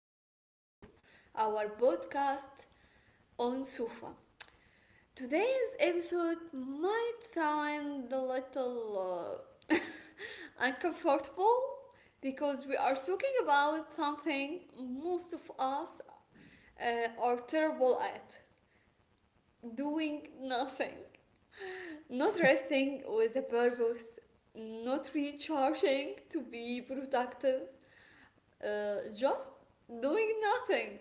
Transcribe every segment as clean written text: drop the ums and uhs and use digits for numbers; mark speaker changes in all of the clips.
Speaker 1: back to our podcast on Sufa. Today's episode might sound a little uh, uncomfortable because we are talking about something most of us are terrible at doing nothing, not resting with a purpose, not recharging to be productive, just doing nothing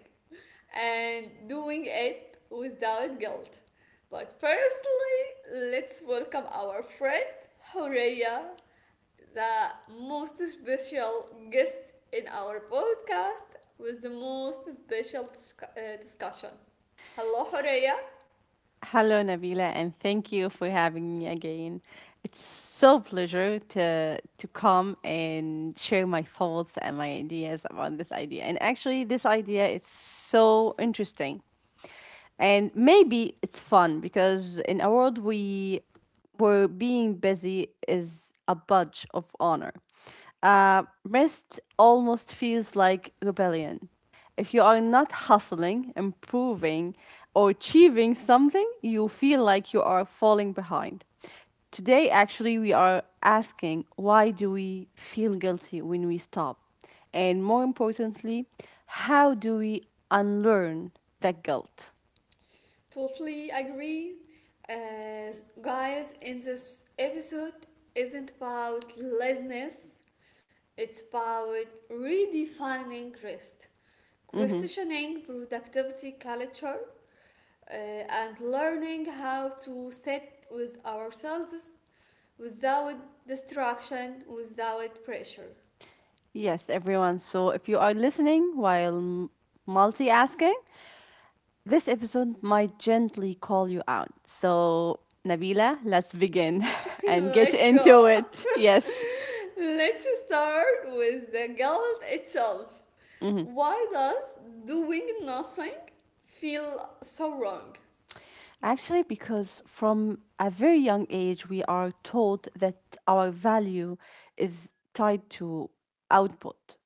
Speaker 1: and doing it without guilt. But firstly, let's welcome our friend Horea, the most special guest in our podcast with the most special discussion. Hello, Horea.
Speaker 2: Hello, Nabila, and thank you for having me again. It's so pleasure to come and share my thoughts and my ideas about this idea. And actually, this idea is so interesting, and maybe it's fun because in a world we where being busy is a badge of honor, rest almost feels like rebellion. If you are not hustling, improving, or achieving something, you feel like you are falling behind. Today, actually, we are asking, why do we feel guilty when we stop? And more importantly, how do we unlearn that guilt?
Speaker 1: Totally agree. As guys, in this episode isn't about laziness, it's about redefining rest, questioning productivity culture, and learning how to sit with ourselves without distraction, without pressure.
Speaker 2: Yes, everyone. So if you are listening while multitasking, this episode might gently call you out. So, Nabila, let's begin and get
Speaker 1: Let's
Speaker 2: into
Speaker 1: go.
Speaker 2: it. Yes.
Speaker 1: Let's start with the guilt itself. Why does doing nothing feel so wrong?
Speaker 2: Actually, because from a very young age, we are told that our value is tied to output,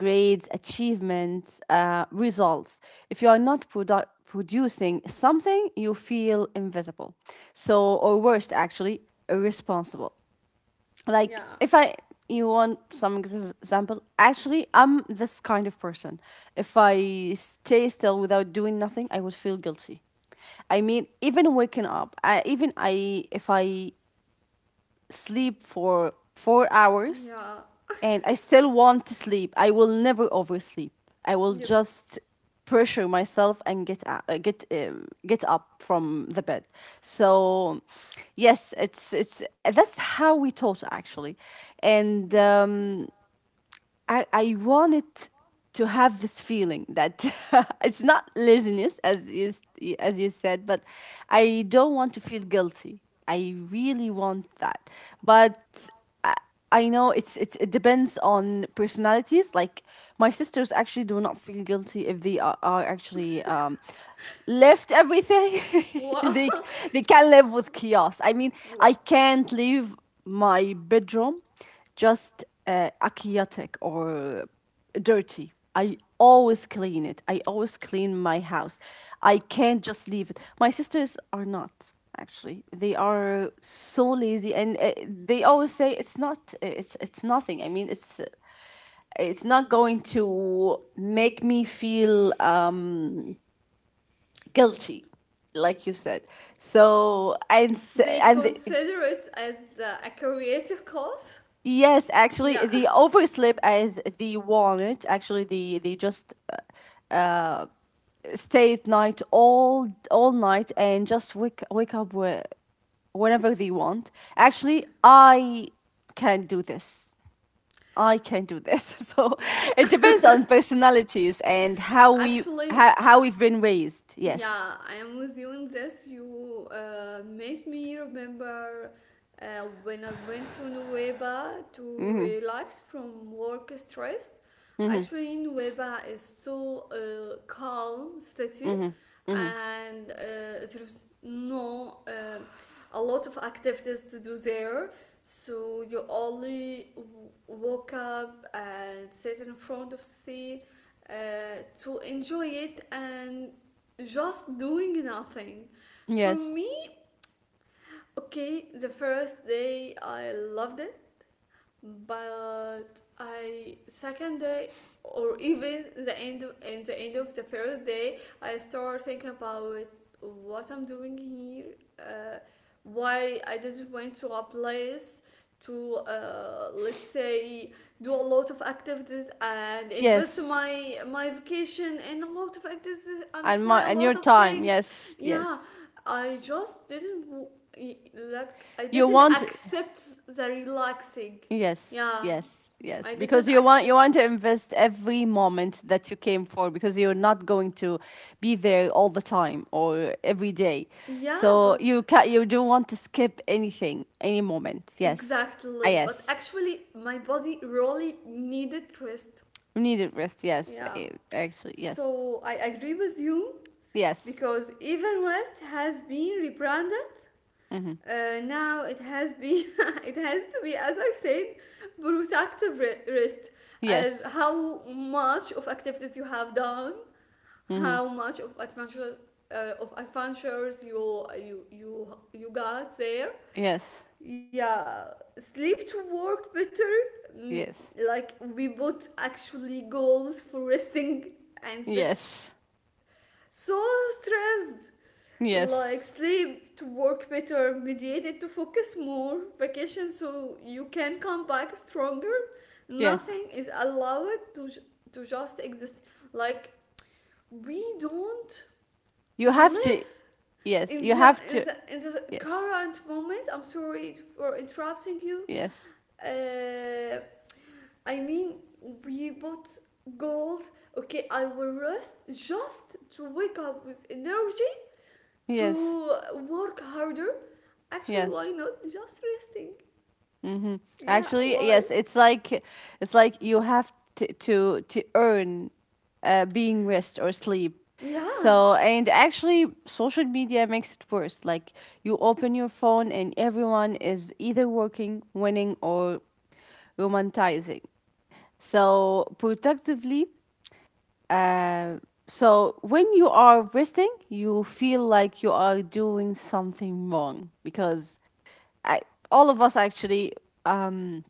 Speaker 2: grades, achievements, results. If you are not producing something, you feel invisible. So, or worst, actually, irresponsible. Like,
Speaker 1: Yeah,
Speaker 2: if I, you want some example, actually, I'm this kind of person. If I stay still without doing nothing, I would feel guilty. I mean, even waking up, I, even I if I sleep for 4 hours
Speaker 1: yeah,
Speaker 2: and I still want to sleep, I will never oversleep. I will
Speaker 1: yep,
Speaker 2: just pressure myself and get out, get up from the bed. So yes, it's that's how we taught, actually. And.
Speaker 1: yeah.
Speaker 2: I wanted to have this feeling that it's not laziness, as you said, but I don't want to feel guilty. I really want that, but I, I know it depends on personalities. Like, my sisters actually do not feel guilty if they are actually left everything.
Speaker 1: Wow,
Speaker 2: they they can live with chaos. I mean,
Speaker 1: wow.
Speaker 2: I can't leave my bedroom just a chaotic or dirty. I always clean it. I always clean my house. I can't just leave it. My sisters are not, actually. They are so lazy, and they always say it's not. It's nothing. I mean, it's not going to make me feel guilty, like you said. So, and s-
Speaker 1: They
Speaker 2: and the,
Speaker 1: consider it as a creative cause.
Speaker 2: yes, actually,
Speaker 1: Yeah.
Speaker 2: the oversleep as the walnut. Actually, they just uh, uh stay at night, all night, and just wake up whenever they want. Actually, I can do this. I can do this. So
Speaker 1: Yeah.
Speaker 2: it depends on personalities and how we
Speaker 1: Actually,
Speaker 2: how, how we've been raised. Yes,
Speaker 1: yeah, I am with you in this. You made me remember uh, when I went to Nueva to relax from work stress. Actually, Nueva is so calm city, and there's no a lot of activities to do there. So you only woke up and sit in front of sea, uh, to enjoy it and just doing nothing. For
Speaker 2: yes,
Speaker 1: me, okay, the first day I loved it, but I second day or even the end in the end of the first day I start thinking about what I'm doing here, uh, why I didn't went to a place to, let's say, do a lot of activities and invest
Speaker 2: yes.
Speaker 1: my vacation in a lot of activities and
Speaker 2: And
Speaker 1: try
Speaker 2: my
Speaker 1: a
Speaker 2: and your
Speaker 1: lot of
Speaker 2: time.
Speaker 1: things.
Speaker 2: Yes,
Speaker 1: Yeah,
Speaker 2: yes.
Speaker 1: I just didn't, like I
Speaker 2: You
Speaker 1: didn't
Speaker 2: want.
Speaker 1: accept the relaxing.
Speaker 2: Yes,
Speaker 1: Yeah,
Speaker 2: yes,
Speaker 1: I
Speaker 2: yes, because
Speaker 1: didn't
Speaker 2: you want you
Speaker 1: accept.
Speaker 2: want to invest every moment that you came for, because you're not going to be there all the time or every day.
Speaker 1: Yeah,
Speaker 2: So you
Speaker 1: but
Speaker 2: can you don't want to skip anything, any moment. Yes. Ah,
Speaker 1: exactly. But
Speaker 2: yes.
Speaker 1: actually, my body really needed rest.
Speaker 2: We needed rest. Yes.
Speaker 1: Yeah.
Speaker 2: Eh, actually, yes.
Speaker 1: So I agree with you
Speaker 2: Yes.
Speaker 1: because even rest has been rebranded.
Speaker 2: Mm-hmm.
Speaker 1: Now it has been it has to be, as I said, productive rest, as
Speaker 2: Yes.
Speaker 1: how much of activities you have done,
Speaker 2: Mm-hmm.
Speaker 1: how much of adventure, of adventures you got there.
Speaker 2: Yes,
Speaker 1: Yeah, sleep to work better. Mm,
Speaker 2: yes,
Speaker 1: like we both actually goals for resting, and that's
Speaker 2: yes,
Speaker 1: so stressed.
Speaker 2: yes,
Speaker 1: Like sleep to work better, mediated to focus more, vacation so you can come back stronger.
Speaker 2: yes.
Speaker 1: Nothing is allowed to to just exist, like we don't
Speaker 2: You have to.
Speaker 1: live
Speaker 2: Yes,
Speaker 1: in
Speaker 2: you
Speaker 1: the,
Speaker 2: have
Speaker 1: in
Speaker 2: to.
Speaker 1: the in the
Speaker 2: Yes,
Speaker 1: current moment. I'm sorry for interrupting you.
Speaker 2: yes,
Speaker 1: uh, I mean, we bought goals. Okay, I will rest just to wake up with energy,
Speaker 2: yes,
Speaker 1: to work harder. Actually, why
Speaker 2: yes.
Speaker 1: not just resting?
Speaker 2: Mm-hmm.
Speaker 1: Yeah,
Speaker 2: Actually,
Speaker 1: why?
Speaker 2: yes. It's like you have to earn being rest or sleep.
Speaker 1: Yeah,
Speaker 2: So, and actually, social media makes it worse. Like, you open your phone and everyone is either working, winning, or romanticizing. So productively. So when you are resting, you feel like you are doing something wrong, because I all of us actually um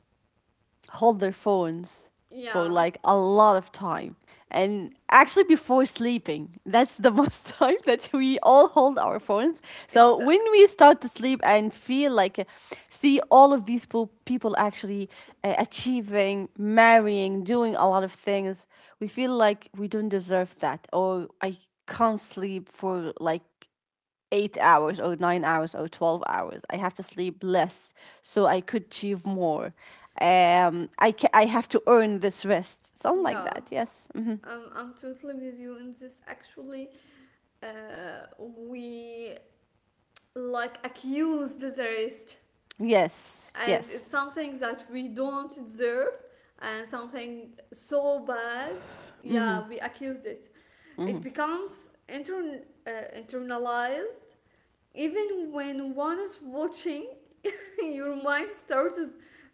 Speaker 2: hold their phones for
Speaker 1: yeah,
Speaker 2: like a lot of time. And actually, before sleeping that's the most time that we all hold our phones. So
Speaker 1: it's, uh,
Speaker 2: when we start to sleep and feel like see all of these people actually achieving, marrying, doing a lot of things, we feel like we don't deserve that, or I can't sleep for like 8 hours or 9 hours or 12 hours. I have to sleep less so I could achieve more. I have to earn this rest. Something like
Speaker 1: yeah.
Speaker 2: that. Yes. Hmm.
Speaker 1: I'm totally with you in this. Actually, we like accused the rest,
Speaker 2: Yes.
Speaker 1: as it's
Speaker 2: Yes.
Speaker 1: something that we don't deserve and something so bad. Yeah, we accused it. It becomes uh, internalized. Even when one is watching, your mind starts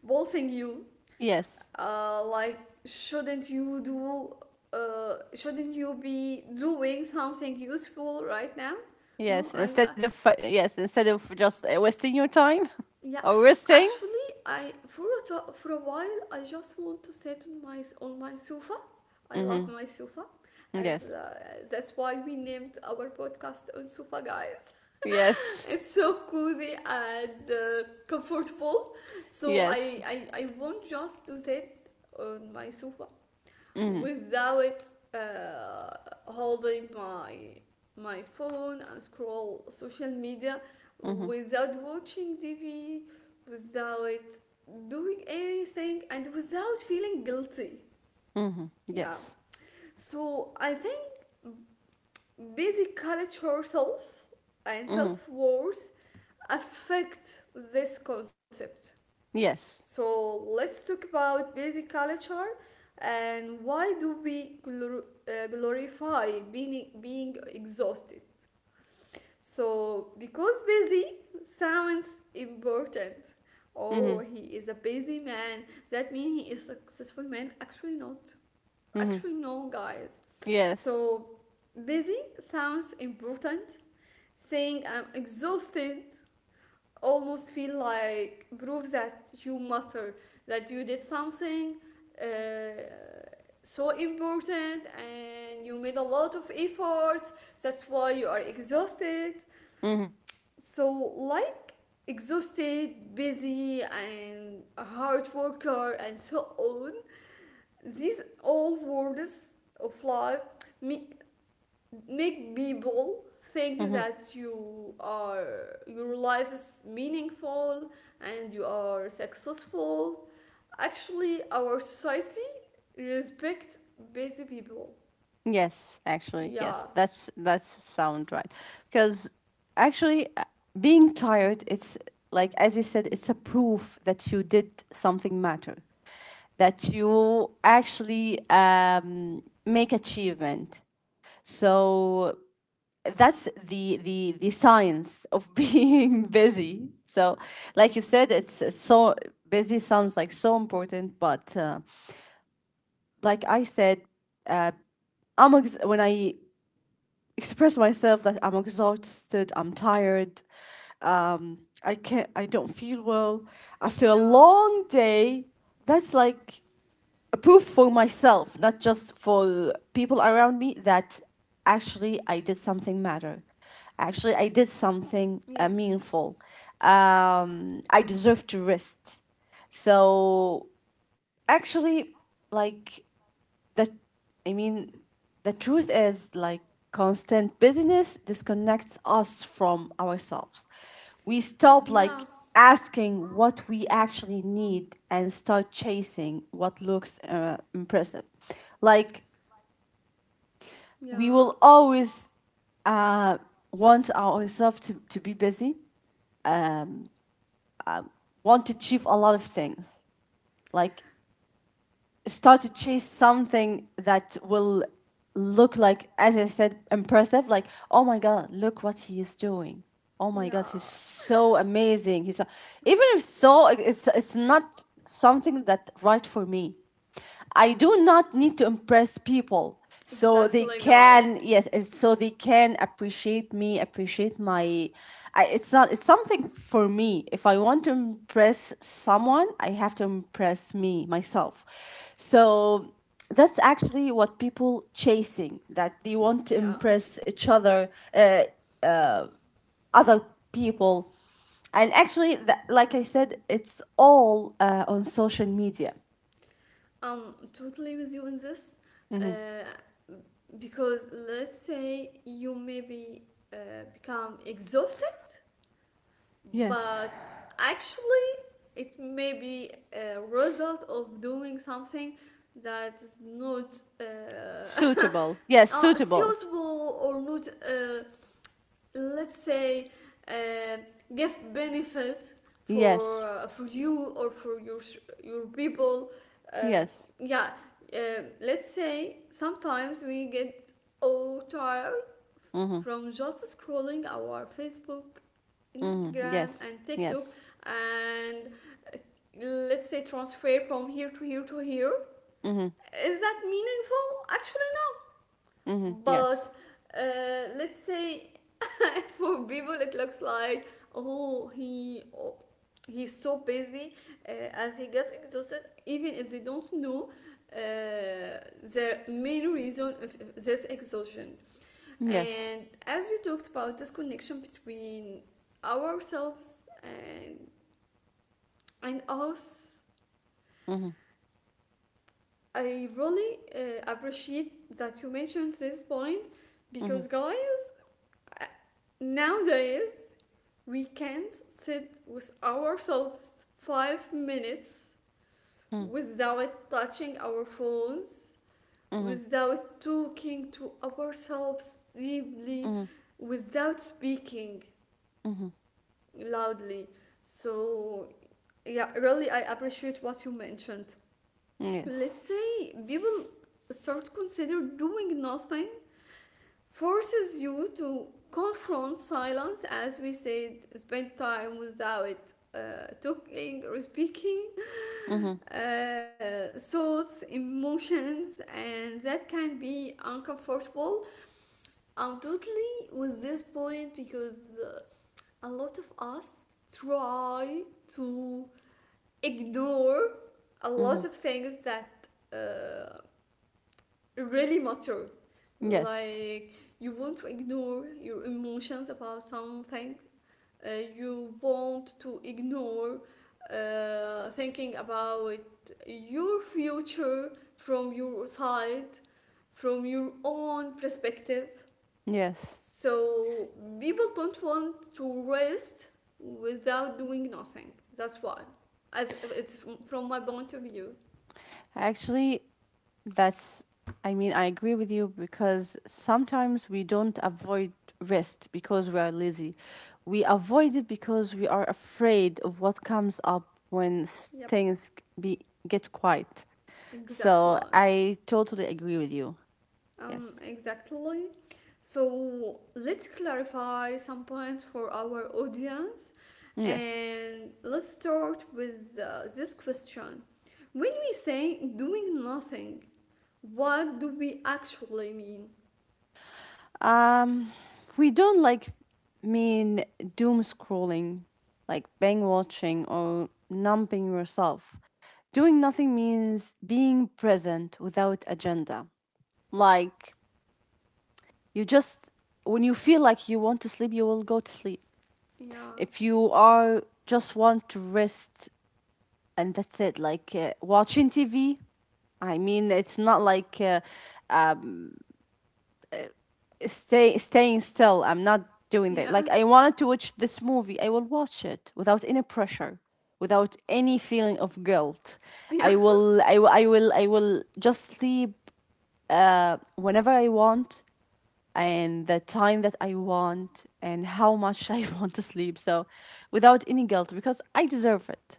Speaker 1: bolting you.
Speaker 2: Yes.
Speaker 1: Like, shouldn't you do, shouldn't you be doing something useful right now? No,
Speaker 2: Yes.
Speaker 1: I,
Speaker 2: Instead
Speaker 1: I
Speaker 2: of, yes, instead of just wasting your time.
Speaker 1: yeah,
Speaker 2: Or wasting.
Speaker 1: actually, I for a for a while I just want to sit on my on my sofa. I love
Speaker 2: Hmm.
Speaker 1: my sofa, as
Speaker 2: Yes.
Speaker 1: that's why we named our podcast on sofa, guys.
Speaker 2: Yes.
Speaker 1: It's so cozy and comfortable. So I,
Speaker 2: Yes.
Speaker 1: I I want just to sit on my sofa
Speaker 2: Hmm.
Speaker 1: without uh, holding my phone and scroll social media,
Speaker 2: Hmm.
Speaker 1: without watching TV, without doing anything, and without feeling guilty.
Speaker 2: Hmm.
Speaker 1: Yeah.
Speaker 2: Yes.
Speaker 1: So I think basic culture self and
Speaker 2: Hmm.
Speaker 1: self worth affect this concept.
Speaker 2: Yes.
Speaker 1: So let's talk about busy culture and why do we glorify being exhausted? So because busy sounds important. Oh,
Speaker 2: Hmm.
Speaker 1: he is a busy man. That means he is successful man. Actually not.
Speaker 2: Hmm.
Speaker 1: Actually no, guys.
Speaker 2: Yes.
Speaker 1: So busy sounds important. Saying I'm exhausted almost feel like proves that you matter, that you did something, uh, so important, and you made a lot of efforts. That's why you are exhausted.
Speaker 2: hmm
Speaker 1: So, like, exhausted, busy, and a hard worker, and so on. These all words of life me- make people think
Speaker 2: hmm
Speaker 1: that your life is meaningful and you are successful. Actually, our society respect busy people.
Speaker 2: Yes, actually, yes.
Speaker 1: Yeah,
Speaker 2: That's sound right. Because actually, being tired, it's like, as you said, it's a proof that you did something matter. That you actually make achievement. So that's the science of being busy. So, like you said, it's so, busy sounds like so important, but like I said, uh, when I express myself that I'm exhausted, I'm tired, I can't, I don't feel well. After a
Speaker 1: yeah,
Speaker 2: long day, that's like a proof for myself, not just for people around me, that actually I did something matter. Actually, I did something
Speaker 1: yeah,
Speaker 2: meaningful. I deserve to rest. So, actually, like that, I mean, the truth is like constant busyness disconnects us from ourselves. We stop
Speaker 1: yeah,
Speaker 2: like asking what we actually need and start chasing what looks impressive. Like, we
Speaker 1: yeah,
Speaker 2: will always uh, want ourselves to be busy, want to achieve a lot of things. Like, start to chase something that will look like, as I said, impressive. Like, oh my God, look what he is doing. Oh my God, he's
Speaker 1: yeah.
Speaker 2: so amazing. Even if so, it's not something that right for me. I do not need to impress people so they
Speaker 1: Exactly, guys.
Speaker 2: can, yes, and so they can appreciate me, appreciate my. It's not, it's something for me. If I want to impress someone, I have to impress me myself. So that's actually what people chasing, that they want to
Speaker 1: Yeah,
Speaker 2: impress each other, other people. And actually, like I said, it's all on social media.
Speaker 1: I'm totally with you in this, uh, because let's say you maybe become exhausted,
Speaker 2: Yes.
Speaker 1: but actually it may be a result of doing something that's not,
Speaker 2: Suitable. Yes, suitable.
Speaker 1: suitable or not, let's say, uh, give benefit for,
Speaker 2: Yes,
Speaker 1: for you or for your people, uh,
Speaker 2: yes.
Speaker 1: yeah, uh, let's say sometimes we get all tired
Speaker 2: Mhm.
Speaker 1: from just scrolling our Facebook,
Speaker 2: Mhm.
Speaker 1: Instagram,
Speaker 2: Yes.
Speaker 1: and TikTok,
Speaker 2: Yes.
Speaker 1: and, let's say, transfer from here to here to here.
Speaker 2: Mhm.
Speaker 1: Is that meaningful, actually? No,
Speaker 2: Mhm.
Speaker 1: but,
Speaker 2: Yes.
Speaker 1: let's say, for people it looks like, oh he oh, he's so busy, uh, as he gets exhausted, even if they don't know uh, their main reason of this exhaustion.
Speaker 2: Yes.
Speaker 1: And as you talked about this connection between ourselves and us,
Speaker 2: Mhm.
Speaker 1: I really appreciate that you mentioned this point. Because,
Speaker 2: Mhm.
Speaker 1: guys, uh, nowadays we can't sit with ourselves 5 minutes
Speaker 2: Mhm.
Speaker 1: without touching our phones,
Speaker 2: Mhm.
Speaker 1: without talking to ourselves deeply,
Speaker 2: Mhm.
Speaker 1: without speaking
Speaker 2: Mhm.
Speaker 1: loudly. So, yeah, really, I appreciate what you mentioned.
Speaker 2: Yes.
Speaker 1: Let's say people start consider doing nothing forces you to confront silence, as we said, spend time without, talking or speaking,
Speaker 2: Mhm.
Speaker 1: thoughts, emotions, and that can be uncomfortable. I'm totally with this point because, a lot of us try to ignore a lot
Speaker 2: Mhm.
Speaker 1: of things that, uh, really matter.
Speaker 2: Yes.
Speaker 1: Like, you want to ignore your emotions about something, uh, you want to ignore thinking about your future from your side, from your own perspective.
Speaker 2: Yes.
Speaker 1: So, people don't want to rest without doing nothing. That's why. As it's from my point of view.
Speaker 2: Actually, that's I mean, I agree with you, because sometimes we don't avoid rest because we are lazy. We avoid it because we are afraid of what comes up when
Speaker 1: Yep,
Speaker 2: things be get quiet.
Speaker 1: exactly.
Speaker 2: So, I totally agree with you. Yes.
Speaker 1: Exactly. So let's clarify some points for our audience,
Speaker 2: Yes.
Speaker 1: and let's start with, this question. When we say doing nothing, what do we actually mean?
Speaker 2: We don't, like, mean doom scrolling, like bang watching or numbing yourself. Doing nothing means being present without agenda. Like, you just when you feel like you want to sleep, you will go to sleep.
Speaker 1: Yeah,
Speaker 2: If you are just want to rest, and that's it, like watching TV. I mean, it's not like staying still. I'm not doing that. Like,
Speaker 1: yeah,
Speaker 2: I wanted to watch this movie, I will watch it without any pressure, without any feeling of guilt.
Speaker 1: yeah.
Speaker 2: I will just sleep whenever I want, and the time that I want, and how much I want to sleep. So, without any guilt, because I deserve it.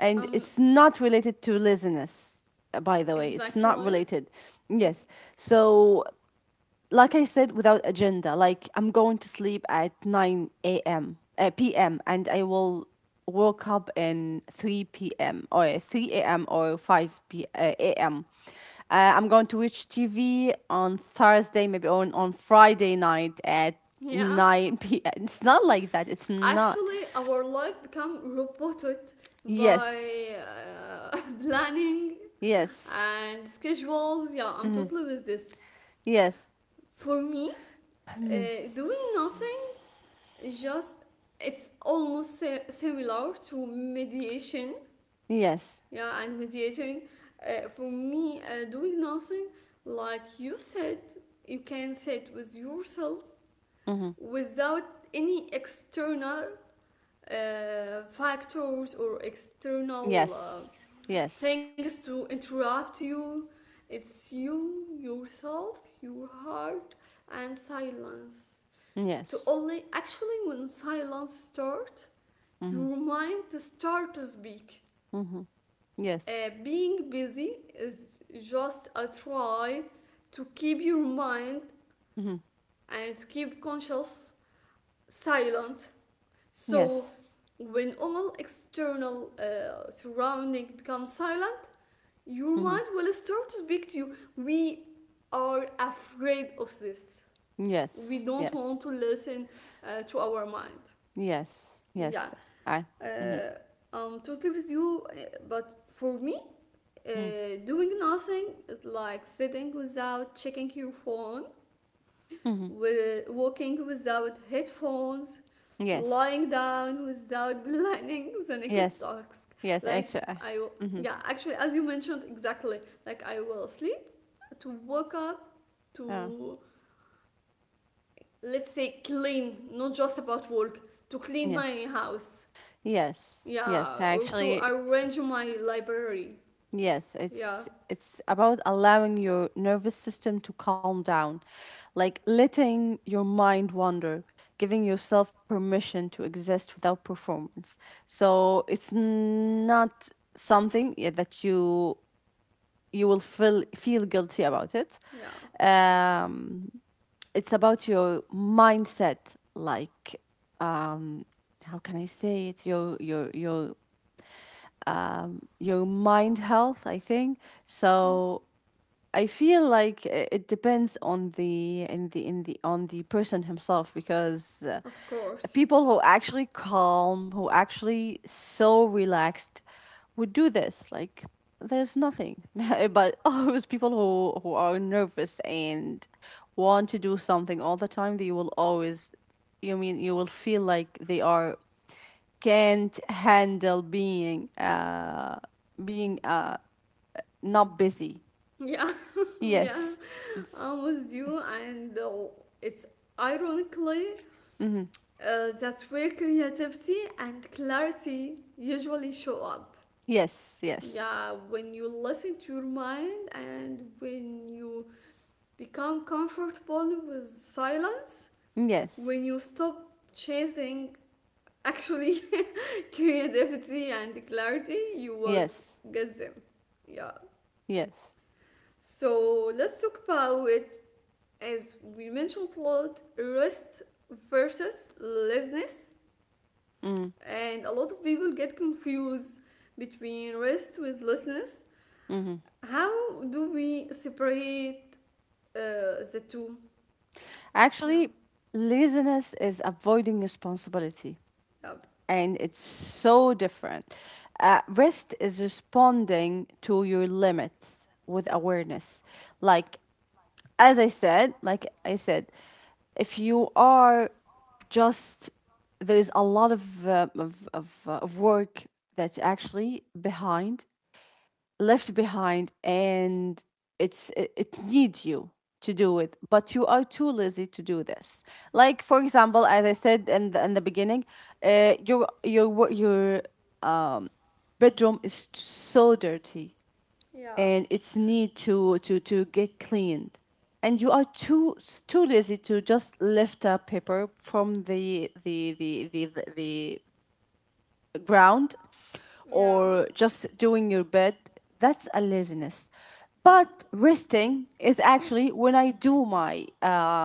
Speaker 2: And
Speaker 1: Um,
Speaker 2: it's not related to laziness, by the way. It's not
Speaker 1: exactly.
Speaker 2: related. Yes. So, like I said, without agenda. Like, I'm going to sleep at 9 a.m., p.m., and I will woke up in 3 p.m. or 3 a.m. or 5 a.m. I'm going to watch TV on Thursday, maybe on Friday night at
Speaker 1: Yeah.
Speaker 2: 9 p.m. It's not like that. It's not.
Speaker 1: Actually, our life become roboted
Speaker 2: Yes.
Speaker 1: by, planning
Speaker 2: Yes.
Speaker 1: and schedules. Yeah, I'm
Speaker 2: Hmm.
Speaker 1: totally with this.
Speaker 2: Yes.
Speaker 1: For me, doing nothing just it's almost similar to mediation.
Speaker 2: Yes.
Speaker 1: Yeah, and mediating. For me, doing nothing, like you said, you can sit with yourself
Speaker 2: Hmm.
Speaker 1: without any external, factors or external,
Speaker 2: Yes. Yes.
Speaker 1: things to interrupt you. It's you, yourself, your heart, and silence. To
Speaker 2: Yes.
Speaker 1: only actually when silence starts,
Speaker 2: Hmm.
Speaker 1: your mind starts to speak.
Speaker 2: Hmm. Yes.
Speaker 1: Being busy is just a try to keep your mind
Speaker 2: Mhm.
Speaker 1: and to keep conscious silent. So
Speaker 2: Yes.
Speaker 1: when all external, surrounding becomes silent, your
Speaker 2: Hmm.
Speaker 1: mind will start to speak to you. We are afraid of this. We
Speaker 2: Yes.
Speaker 1: don't want
Speaker 2: Yes.
Speaker 1: to listen, to our mind.
Speaker 2: Yes.
Speaker 1: Yeah.
Speaker 2: Yes. I. Mm-hmm.
Speaker 1: Uh, I'm totally with you, but for me,
Speaker 2: Mm-hmm.
Speaker 1: doing nothing is like sitting without checking your phone,
Speaker 2: Mm-hmm.
Speaker 1: with walking without headphones,
Speaker 2: Yes.
Speaker 1: lying down without planning the next
Speaker 2: Yes.
Speaker 1: task.
Speaker 2: Yes. It's.
Speaker 1: Like
Speaker 2: Mm-hmm.
Speaker 1: yeah, actually, as you mentioned, exactly. Like I will sleep to wake up
Speaker 2: Uh,
Speaker 1: to, let's say, clean, not just about work, to clean
Speaker 2: yeah.
Speaker 1: my house,
Speaker 2: Yes. Yes.
Speaker 1: yeah, or to
Speaker 2: Actually,
Speaker 1: arrange my library.
Speaker 2: yes.
Speaker 1: Yeah,
Speaker 2: It's about allowing your nervous system to calm down, like letting your mind wander, giving yourself permission to exist without performance. So it's not something, yeah, that you will feel guilty about it.
Speaker 1: yeah.
Speaker 2: Um, it's about your mindset, like, how can I say it? Your mind health, I think.
Speaker 1: Mm,
Speaker 2: So I feel like, it depends on the in the in the on the person himself, because
Speaker 1: of course.
Speaker 2: people who actually calm, who actually so relaxed would do this. Like, there's nothing. But always people who are nervous and want to do something all the time, they will always, you mean, you will feel like they are can't handle being not busy.
Speaker 1: Yeah, yeah,
Speaker 2: Yes.
Speaker 1: I'm with you, and it's ironically,
Speaker 2: Mm-hmm.
Speaker 1: that's where creativity and clarity usually show up.
Speaker 2: Yes, yes.
Speaker 1: Yeah, when you listen to your mind and when you become comfortable with silence,
Speaker 2: Yes.
Speaker 1: when you stop chasing, actually, creativity and clarity, you will
Speaker 2: Yes.
Speaker 1: get them. Yeah.
Speaker 2: Yes.
Speaker 1: So let's talk about it. As we mentioned a lot, rest versus laziness,
Speaker 2: Mm.
Speaker 1: and a lot of people get confused between rest with laziness.
Speaker 2: Mm-hmm.
Speaker 1: How do we separate, the two? Yeah,
Speaker 2: Actually, laziness is avoiding responsibility,
Speaker 1: yeah,
Speaker 2: and it's so different. Rest is responding to your limits with awareness. Like, as I said, like I said, if you are just there is a lot of work that's actually behind left behind, and it needs you to do it, but you are too lazy to do this. Like, for example, as I said, in the beginning, your bedroom is so dirty,
Speaker 1: yeah,
Speaker 2: and it's need to get cleaned, and you are too lazy to just lift a paper from the ground,
Speaker 1: yeah.
Speaker 2: or just doing your bed. That's a laziness. But resting is actually when I do my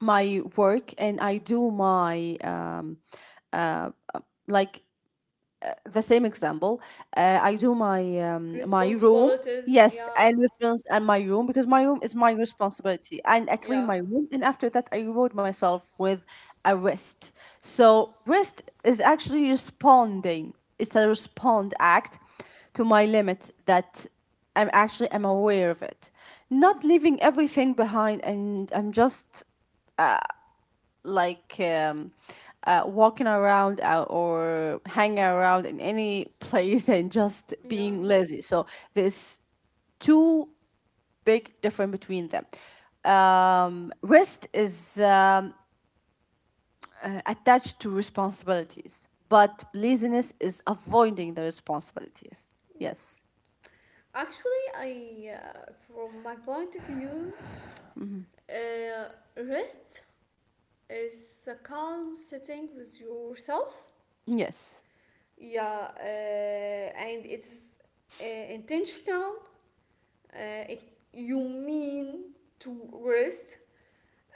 Speaker 2: my work and I do my like the same example. I do my my room.
Speaker 1: Responsibilities,
Speaker 2: Yes,
Speaker 1: yeah,
Speaker 2: and response and my room because my room is my responsibility, and I clean
Speaker 1: yeah,
Speaker 2: my room, and after that I reward myself with a rest. So rest is actually responding. It's a respond act to my limit that I'm aware of it, not leaving everything behind, and I'm just like um, walking around or hanging around in any place and just
Speaker 1: yeah.
Speaker 2: being lazy. So there's two big difference between them. Rest is attached to responsibilities, but laziness is avoiding the responsibilities.
Speaker 1: Yep.
Speaker 2: Yes.
Speaker 1: Actually, from my point of view, uh, rest, it's a calm sitting with yourself.
Speaker 2: Yes.
Speaker 1: Yeah, and it's, intentional. Uh, it, you mean to rest,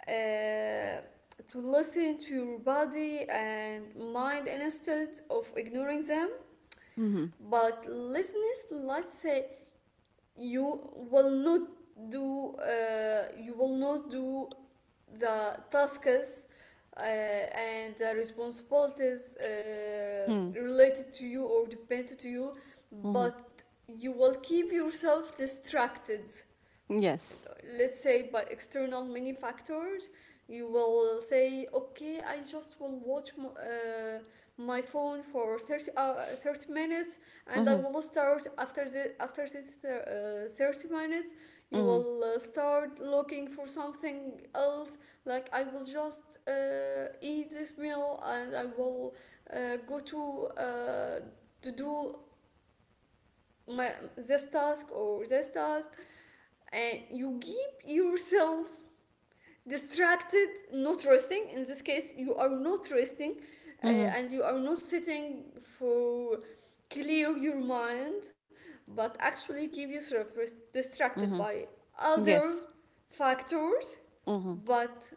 Speaker 1: uh, to listen to your body and mind instead of ignoring them.
Speaker 2: Mm-hmm.
Speaker 1: But listeners, let's say you will not do. You will not do the tasks, and the responsibilities,
Speaker 2: Mm.
Speaker 1: related to you or dependent to you,
Speaker 2: Mm-hmm.
Speaker 1: but you will keep yourself distracted,
Speaker 2: Yes.
Speaker 1: let's say, by external many factors. You will say, okay, I just will watch my phone for 30 minutes, and I
Speaker 2: Mm-hmm.
Speaker 1: will start after the after this thir- 30 minutes. You
Speaker 2: Mm-hmm.
Speaker 1: will, start looking for something else. Like, I will just, eat this meal and I will, go to do my this task or this task. And you give yourself distracted, not resting. In this case you are not resting,
Speaker 2: Mm-hmm.
Speaker 1: and you are not sitting for clear your mind, but actually keep yourself distracted
Speaker 2: Mm-hmm.
Speaker 1: by other
Speaker 2: Yes.
Speaker 1: factors,
Speaker 2: Mm-hmm.
Speaker 1: but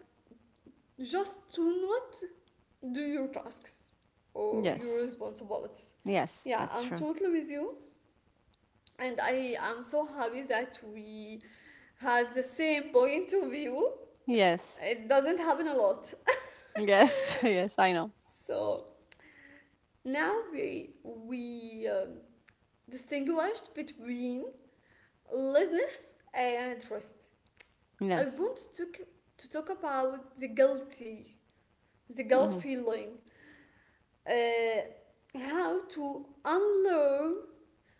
Speaker 1: just to not do your tasks or your
Speaker 2: Yes.
Speaker 1: responsibilities.
Speaker 2: Yes.
Speaker 1: Yeah,
Speaker 2: That's
Speaker 1: I'm
Speaker 2: true.
Speaker 1: totally with you, and I am so happy that we have the same point of view.
Speaker 2: Yes.
Speaker 1: It doesn't happen a lot.
Speaker 2: Yes. Yes. I know.
Speaker 1: So now we distinguished between laziness and rest. I
Speaker 2: Yes.
Speaker 1: want to to talk about the guilty, the guilt
Speaker 2: Mhm.
Speaker 1: feeling, uh, how to unlearn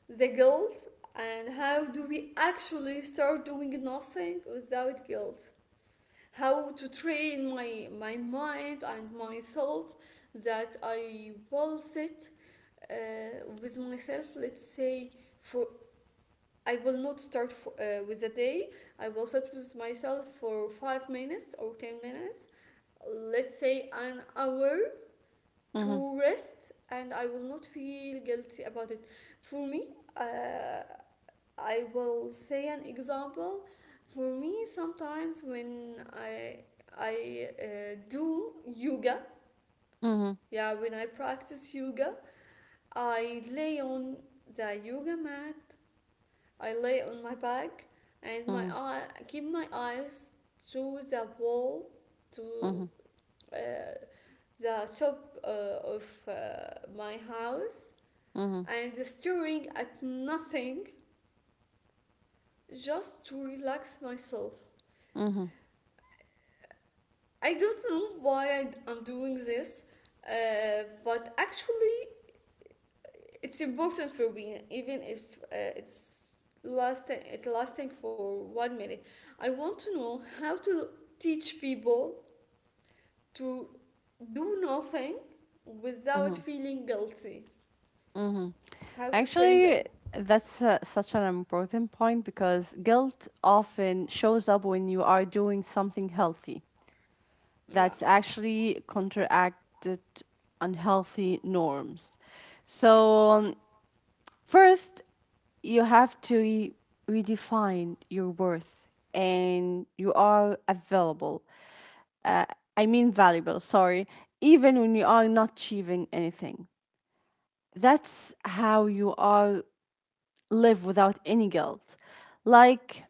Speaker 1: the guilt, and how do we actually start doing nothing without guilt. How to train my mind and myself that I will sit uh, with myself. Let's say for I will not start for, with a day. I will sit with myself for 5 minutes or 10 minutes. Let's say an hour
Speaker 2: Mhm.
Speaker 1: to rest, and I will not feel guilty about it. For me, I will say an example. For me, sometimes when I do yoga,
Speaker 2: Mhm.
Speaker 1: yeah, when I practice yoga, I lay on the yoga mat. I lay on my back and my
Speaker 2: Mhm.
Speaker 1: eye keep my eyes to the wall to
Speaker 2: Mhm.
Speaker 1: uh, the top of my house
Speaker 2: Mhm.
Speaker 1: and staring at nothing just to relax myself.
Speaker 2: Mhm.
Speaker 1: I don't know why I'm doing this, but actually, it's important for me, even if it's it lasting for 1 minute. I want to know how to teach people to do nothing without feeling guilty. How to train them?
Speaker 2: Actually, that's such an important point because guilt often shows up when you are doing something healthy
Speaker 1: Yeah,
Speaker 2: that's actually counteracted unhealthy norms.
Speaker 1: yeah,
Speaker 2: So, first, you have to redefine your worth and you are available, I mean valuable, sorry, even when you are not achieving anything. That's how you are live without any guilt. Like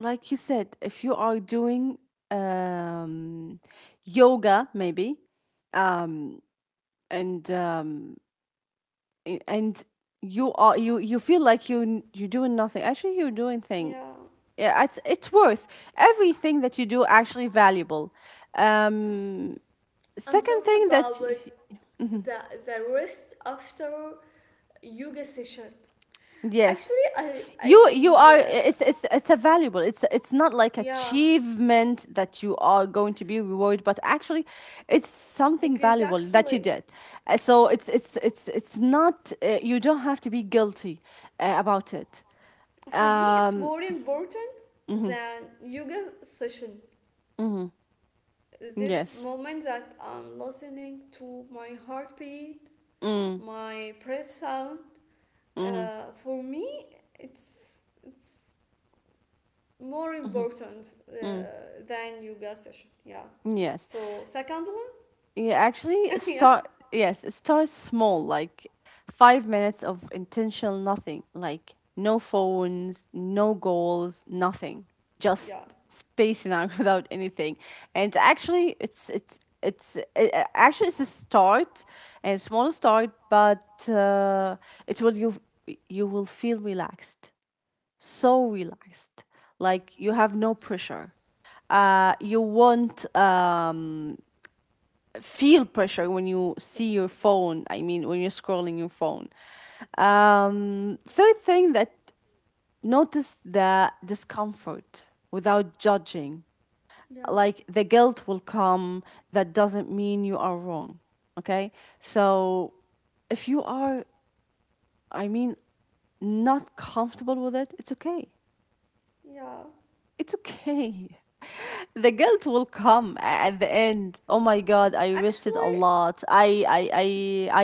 Speaker 2: like you said, if you are doing um yoga maybe, um and um and you feel like you're doing nothing, actually you're doing thing.
Speaker 1: yeah.
Speaker 2: Yeah, it's worth everything that you do, actually valuable. um
Speaker 1: I'm
Speaker 2: second
Speaker 1: talking
Speaker 2: thing that
Speaker 1: about the the rest after yoga session actually
Speaker 2: yes,
Speaker 1: i i,
Speaker 2: you
Speaker 1: I
Speaker 2: you are
Speaker 1: uh,
Speaker 2: it's a valuable, it's not like
Speaker 1: yeah
Speaker 2: achievement that you are going to be rewarded, but actually it's something valuable that you
Speaker 1: exactly.
Speaker 2: did. So it's not you don't have to be guilty about it.
Speaker 1: For me it's
Speaker 2: um
Speaker 1: more important
Speaker 2: mhm,
Speaker 1: than yoga session,
Speaker 2: mhm,
Speaker 1: this
Speaker 2: yes.
Speaker 1: moment that I'm listening to my heartbeat,
Speaker 2: mm,
Speaker 1: my breath sound.
Speaker 2: mhm,
Speaker 1: For me it's more important than yoga session, yeah.
Speaker 2: yes.
Speaker 1: So second one.
Speaker 2: Yeah, actually,
Speaker 1: Yeah,
Speaker 2: start, yes, start small, like 5 minutes of intentional nothing, like no phones, no goals, nothing, just
Speaker 1: yeah.
Speaker 2: spacing out without anything. And actually, actually it's a start, a small start but it will you, you will feel relaxed, so relaxed, like you have no pressure. You won't feel pressure when you see your phone. I mean, when you're scrolling your phone. Third thing that, notice the discomfort without judging.
Speaker 1: Yeah,
Speaker 2: Like, the guilt will come. That doesn't mean you are wrong. Okay. So if you are, I mean, not comfortable with it, it's okay.
Speaker 1: yeah.
Speaker 2: It's okay. The guilt will come at the end. Oh my god, I rested a
Speaker 1: Actually,
Speaker 2: lot,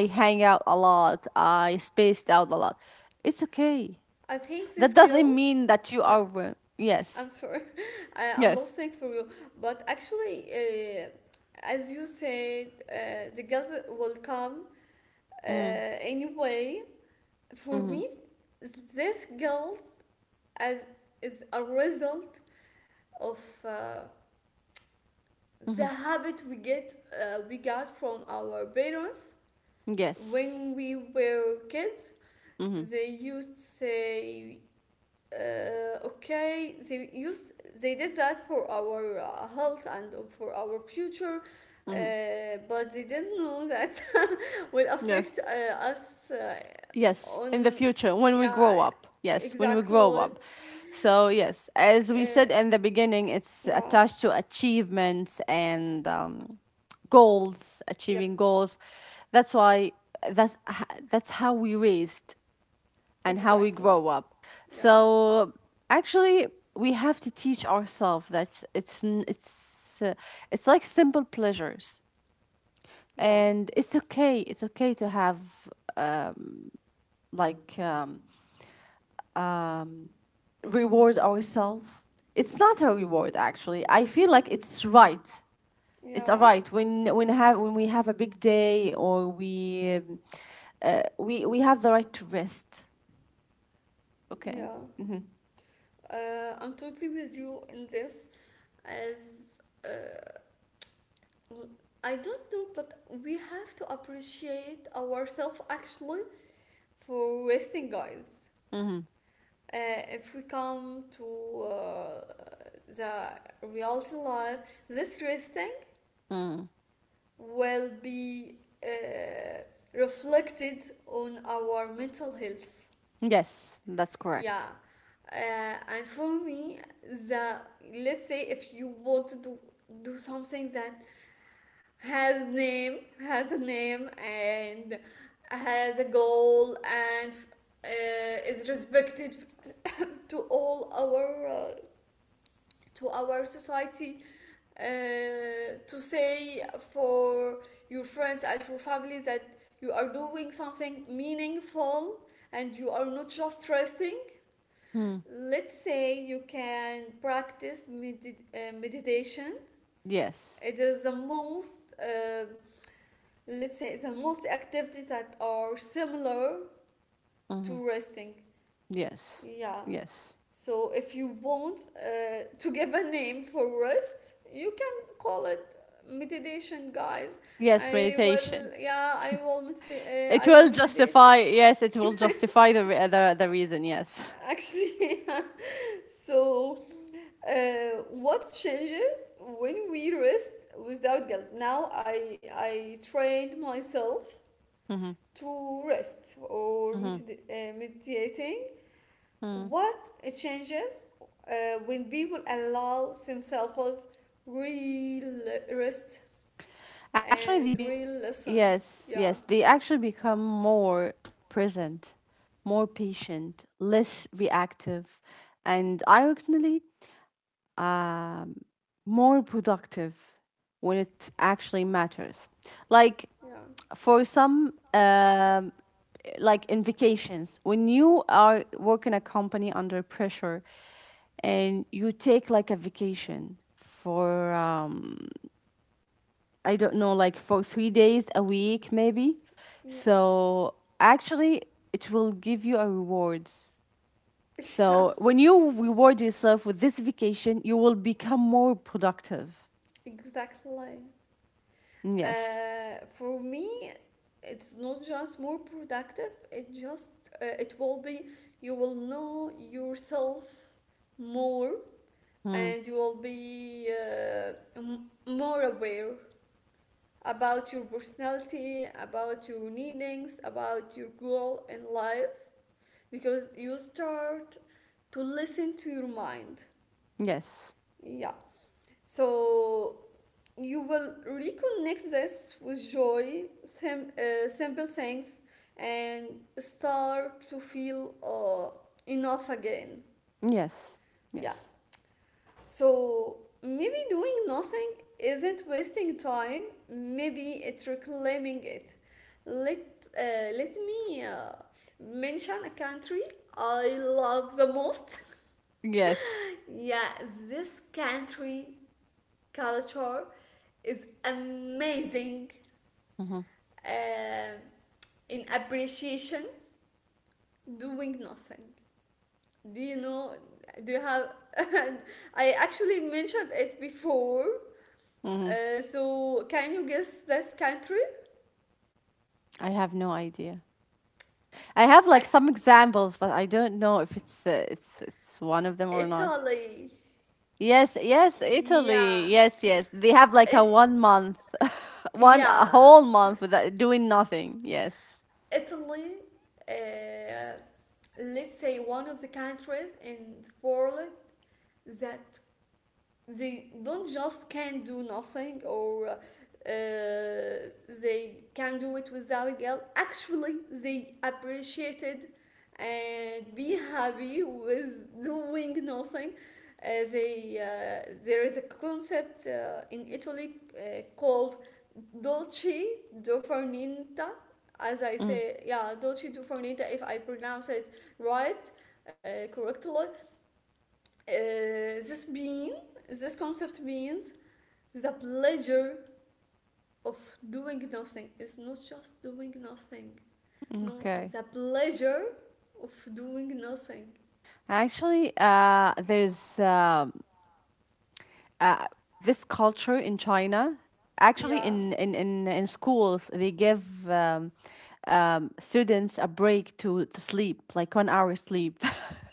Speaker 2: I hang out a lot, I spaced out a lot. It's okay,
Speaker 1: I think
Speaker 2: that
Speaker 1: this
Speaker 2: doesn't
Speaker 1: guilt.
Speaker 2: mean that you
Speaker 1: Yeah,
Speaker 2: are wrong. Yes.
Speaker 1: I'm sorry, I'm
Speaker 2: Yes.
Speaker 1: listening for you. But actually, as you said, the guilt will come
Speaker 2: mm,
Speaker 1: anyway. For
Speaker 2: hmm
Speaker 1: me, this guilt as is a result of uh, the
Speaker 2: hmm
Speaker 1: habit we got from our parents
Speaker 2: yes.
Speaker 1: when we were kids.
Speaker 2: hmm
Speaker 1: They used to say okay, they did that for our health and for our future, but they didn't know that will
Speaker 2: Yes.
Speaker 1: affect us,
Speaker 2: Yes, in the
Speaker 1: on,
Speaker 2: future, when we
Speaker 1: yeah,
Speaker 2: grow up. Yes, when we grow
Speaker 1: exactly.
Speaker 2: up. So, yes, as we said
Speaker 1: uh,
Speaker 2: in the beginning, it's
Speaker 1: yeah.
Speaker 2: attached to achievements and goals, achieving
Speaker 1: Yep,
Speaker 2: goals. That's why, that's how we raised and how we
Speaker 1: exactly.
Speaker 2: grow up.
Speaker 1: Yeah,
Speaker 2: So, actually, we have to teach ourselves that it's like simple pleasures
Speaker 1: yeah,
Speaker 2: and it's okay, it's okay to have, like, reward ourselves. It's not a reward actually. I feel like it's right. It's a
Speaker 1: yeah,
Speaker 2: right when have when we have a big day or we, we have the right to rest. Okay.
Speaker 1: yeah. I'm totally with you in this. As uh, I don't know, but we have to appreciate ourselves actually for resting, guys. uh, if we come to uh, the reality life, this resting
Speaker 2: Mm.
Speaker 1: will be uh, reflected on our mental health,
Speaker 2: Yes, that's
Speaker 1: yeah.
Speaker 2: correct.
Speaker 1: uh, and for me, the let's say if you want to do, do something that has a name and has a goal and is respected to all our to our society, uh, to say for your friends and for families that you are doing something meaningful and you are not just resting.
Speaker 2: Mm.
Speaker 1: Let's say you can practice meditation.
Speaker 2: Yes.
Speaker 1: It is the most, um, let's say, the most activities that are similar
Speaker 2: Mhm.
Speaker 1: to resting,
Speaker 2: Yes.
Speaker 1: yeah.
Speaker 2: Yes.
Speaker 1: So if you want to give a name for rest, you can call it meditation, guys.
Speaker 2: Yes,
Speaker 1: I will,
Speaker 2: meditation.
Speaker 1: yeah, I will meditate.
Speaker 2: It
Speaker 1: I will
Speaker 2: will
Speaker 1: meditate
Speaker 2: justify, yes, it will justify the reason, yes.
Speaker 1: actually. So what changes when we rest without guilt? Now I trained myself to rest or meditating. What changes when people allow themselves real rest
Speaker 2: Actually,
Speaker 1: and
Speaker 2: they bec
Speaker 1: real listen?
Speaker 2: yes,
Speaker 1: Yeah,
Speaker 2: yes, they actually become more present, more patient, less reactive, and ironically, more productive when it actually matters. Like
Speaker 1: yeah,
Speaker 2: for some, like in vacations, when you are working a company under pressure and you take like a vacation for I don't know, like for 3 days a week, maybe.
Speaker 1: yeah,
Speaker 2: So actually, it will give you a rewards.
Speaker 1: yeah,
Speaker 2: So when you reward yourself with this vacation, you will become more productive.
Speaker 1: exactly.
Speaker 2: Yes.
Speaker 1: For me, it's not just more productive, it just, it will be, you will know yourself more
Speaker 2: Hmm.
Speaker 1: and you will be more aware about your personality, about your needings, about your goal in life because you start to listen to your mind.
Speaker 2: Yes.
Speaker 1: Yeah. So you will reconnect this with joy, simple things, and start to feel enough again.
Speaker 2: Yes.
Speaker 1: Yeah.
Speaker 2: Yes.
Speaker 1: So maybe doing nothing isn't wasting time. Maybe it's reclaiming it. Let let me mention a country I love the most.
Speaker 2: Yes.
Speaker 1: Yeah, this country culture is amazing
Speaker 2: Hmm.
Speaker 1: uh, in appreciation. Doing nothing. Do you know? Do you have? I actually mentioned it before. So can you guess this country?
Speaker 2: I have no idea. I have like
Speaker 1: Actually,
Speaker 2: some examples, but I don't know if it's it's one of them or not.
Speaker 1: Italy.
Speaker 2: Yes, yes, Italy.
Speaker 1: Yeah.
Speaker 2: Yes, yes. They have like a
Speaker 1: It.
Speaker 2: one month, one a
Speaker 1: Yeah.
Speaker 2: whole month without doing nothing. Yes.
Speaker 1: Italy. Uh, let's say one of the countries in the world that they don't just can do nothing, or they can do it without guilt. Actually, they appreciated and be happy with doing nothing. They there is a concept in Italy called dolce dofarnita. As I
Speaker 2: Mm,
Speaker 1: say, yeah, dolce dofarnita. If I pronounce it right, correctly, uh, this being, this concept means the pleasure of doing nothing. It's not just doing nothing. No,
Speaker 2: okay.
Speaker 1: the pleasure of doing nothing.
Speaker 2: Actually, there's this culture in China. Actually,
Speaker 1: Yeah.
Speaker 2: in schools, they give students a break to sleep, like one hour sleep.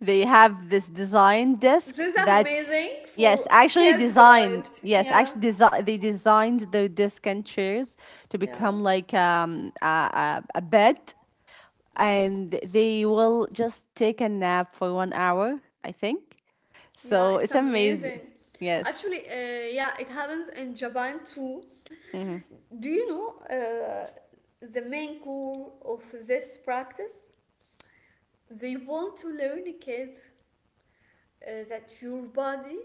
Speaker 2: They have this design
Speaker 1: This
Speaker 2: desk
Speaker 1: is
Speaker 2: that,
Speaker 1: amazing
Speaker 2: yes,
Speaker 1: for
Speaker 2: actually
Speaker 1: kids,
Speaker 2: designed.
Speaker 1: guys.
Speaker 2: Yes,
Speaker 1: Yeah.
Speaker 2: they designed the desk and chairs to
Speaker 1: Yeah.
Speaker 2: become like a bed,
Speaker 1: Mm,
Speaker 2: and they will just take a nap for one hour, I think.
Speaker 1: yeah,
Speaker 2: So
Speaker 1: it's
Speaker 2: it's amazing.
Speaker 1: amazing.
Speaker 2: Yes.
Speaker 1: Actually, yeah, it happens in Japan too.
Speaker 2: Hmm.
Speaker 1: Do you know uh, the main core of this practice? They want to learn kids that your body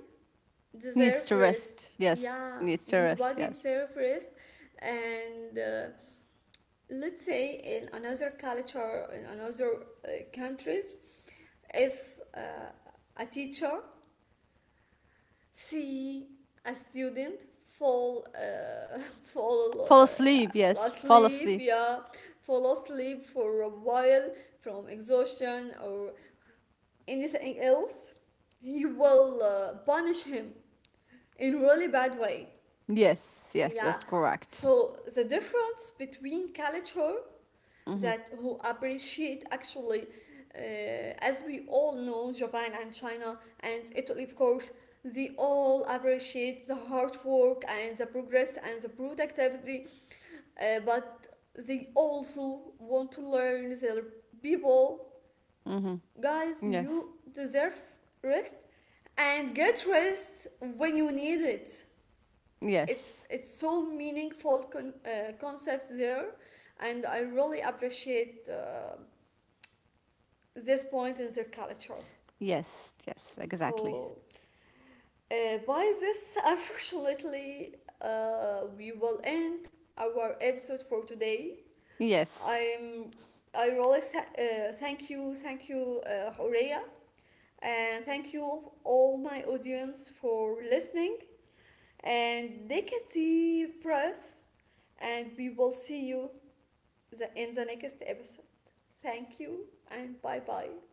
Speaker 1: deserve
Speaker 2: Needs to rest.
Speaker 1: rest,
Speaker 2: Yes.
Speaker 1: yeah,
Speaker 2: Needs to
Speaker 1: your
Speaker 2: rest.
Speaker 1: body
Speaker 2: Yes.
Speaker 1: deserve rest. And let's say in another culture, in another countries, if a teacher see a student fall fall
Speaker 2: Fall asleep. Yes. Fall
Speaker 1: asleep,
Speaker 2: asleep.
Speaker 1: yeah, fall asleep for a while from exhaustion or anything else, he will punish him in really bad way,
Speaker 2: Yes. Yes.
Speaker 1: yeah.
Speaker 2: That's correct.
Speaker 1: So the difference between culture
Speaker 2: Mm-hmm.
Speaker 1: that who appreciate actually, as we all know, Japan and China and Italy, of course, they all appreciate the hard work and the progress and the productivity, but they also want to learn their people,
Speaker 2: Mm-hmm.
Speaker 1: guys,
Speaker 2: Yes.
Speaker 1: you deserve rest and get rest when you need it. it's
Speaker 2: Yes.
Speaker 1: it's so meaningful concept there, and I really appreciate this point in their culture.
Speaker 2: Yes, yes, exactly.
Speaker 1: So by this unfortunately we will end our episode for today.
Speaker 2: Yes.
Speaker 1: I'm, I really thank you Horea, and thank you all my audience for listening, and take a deep breath, and we will see you in the next episode. Thank you and bye bye.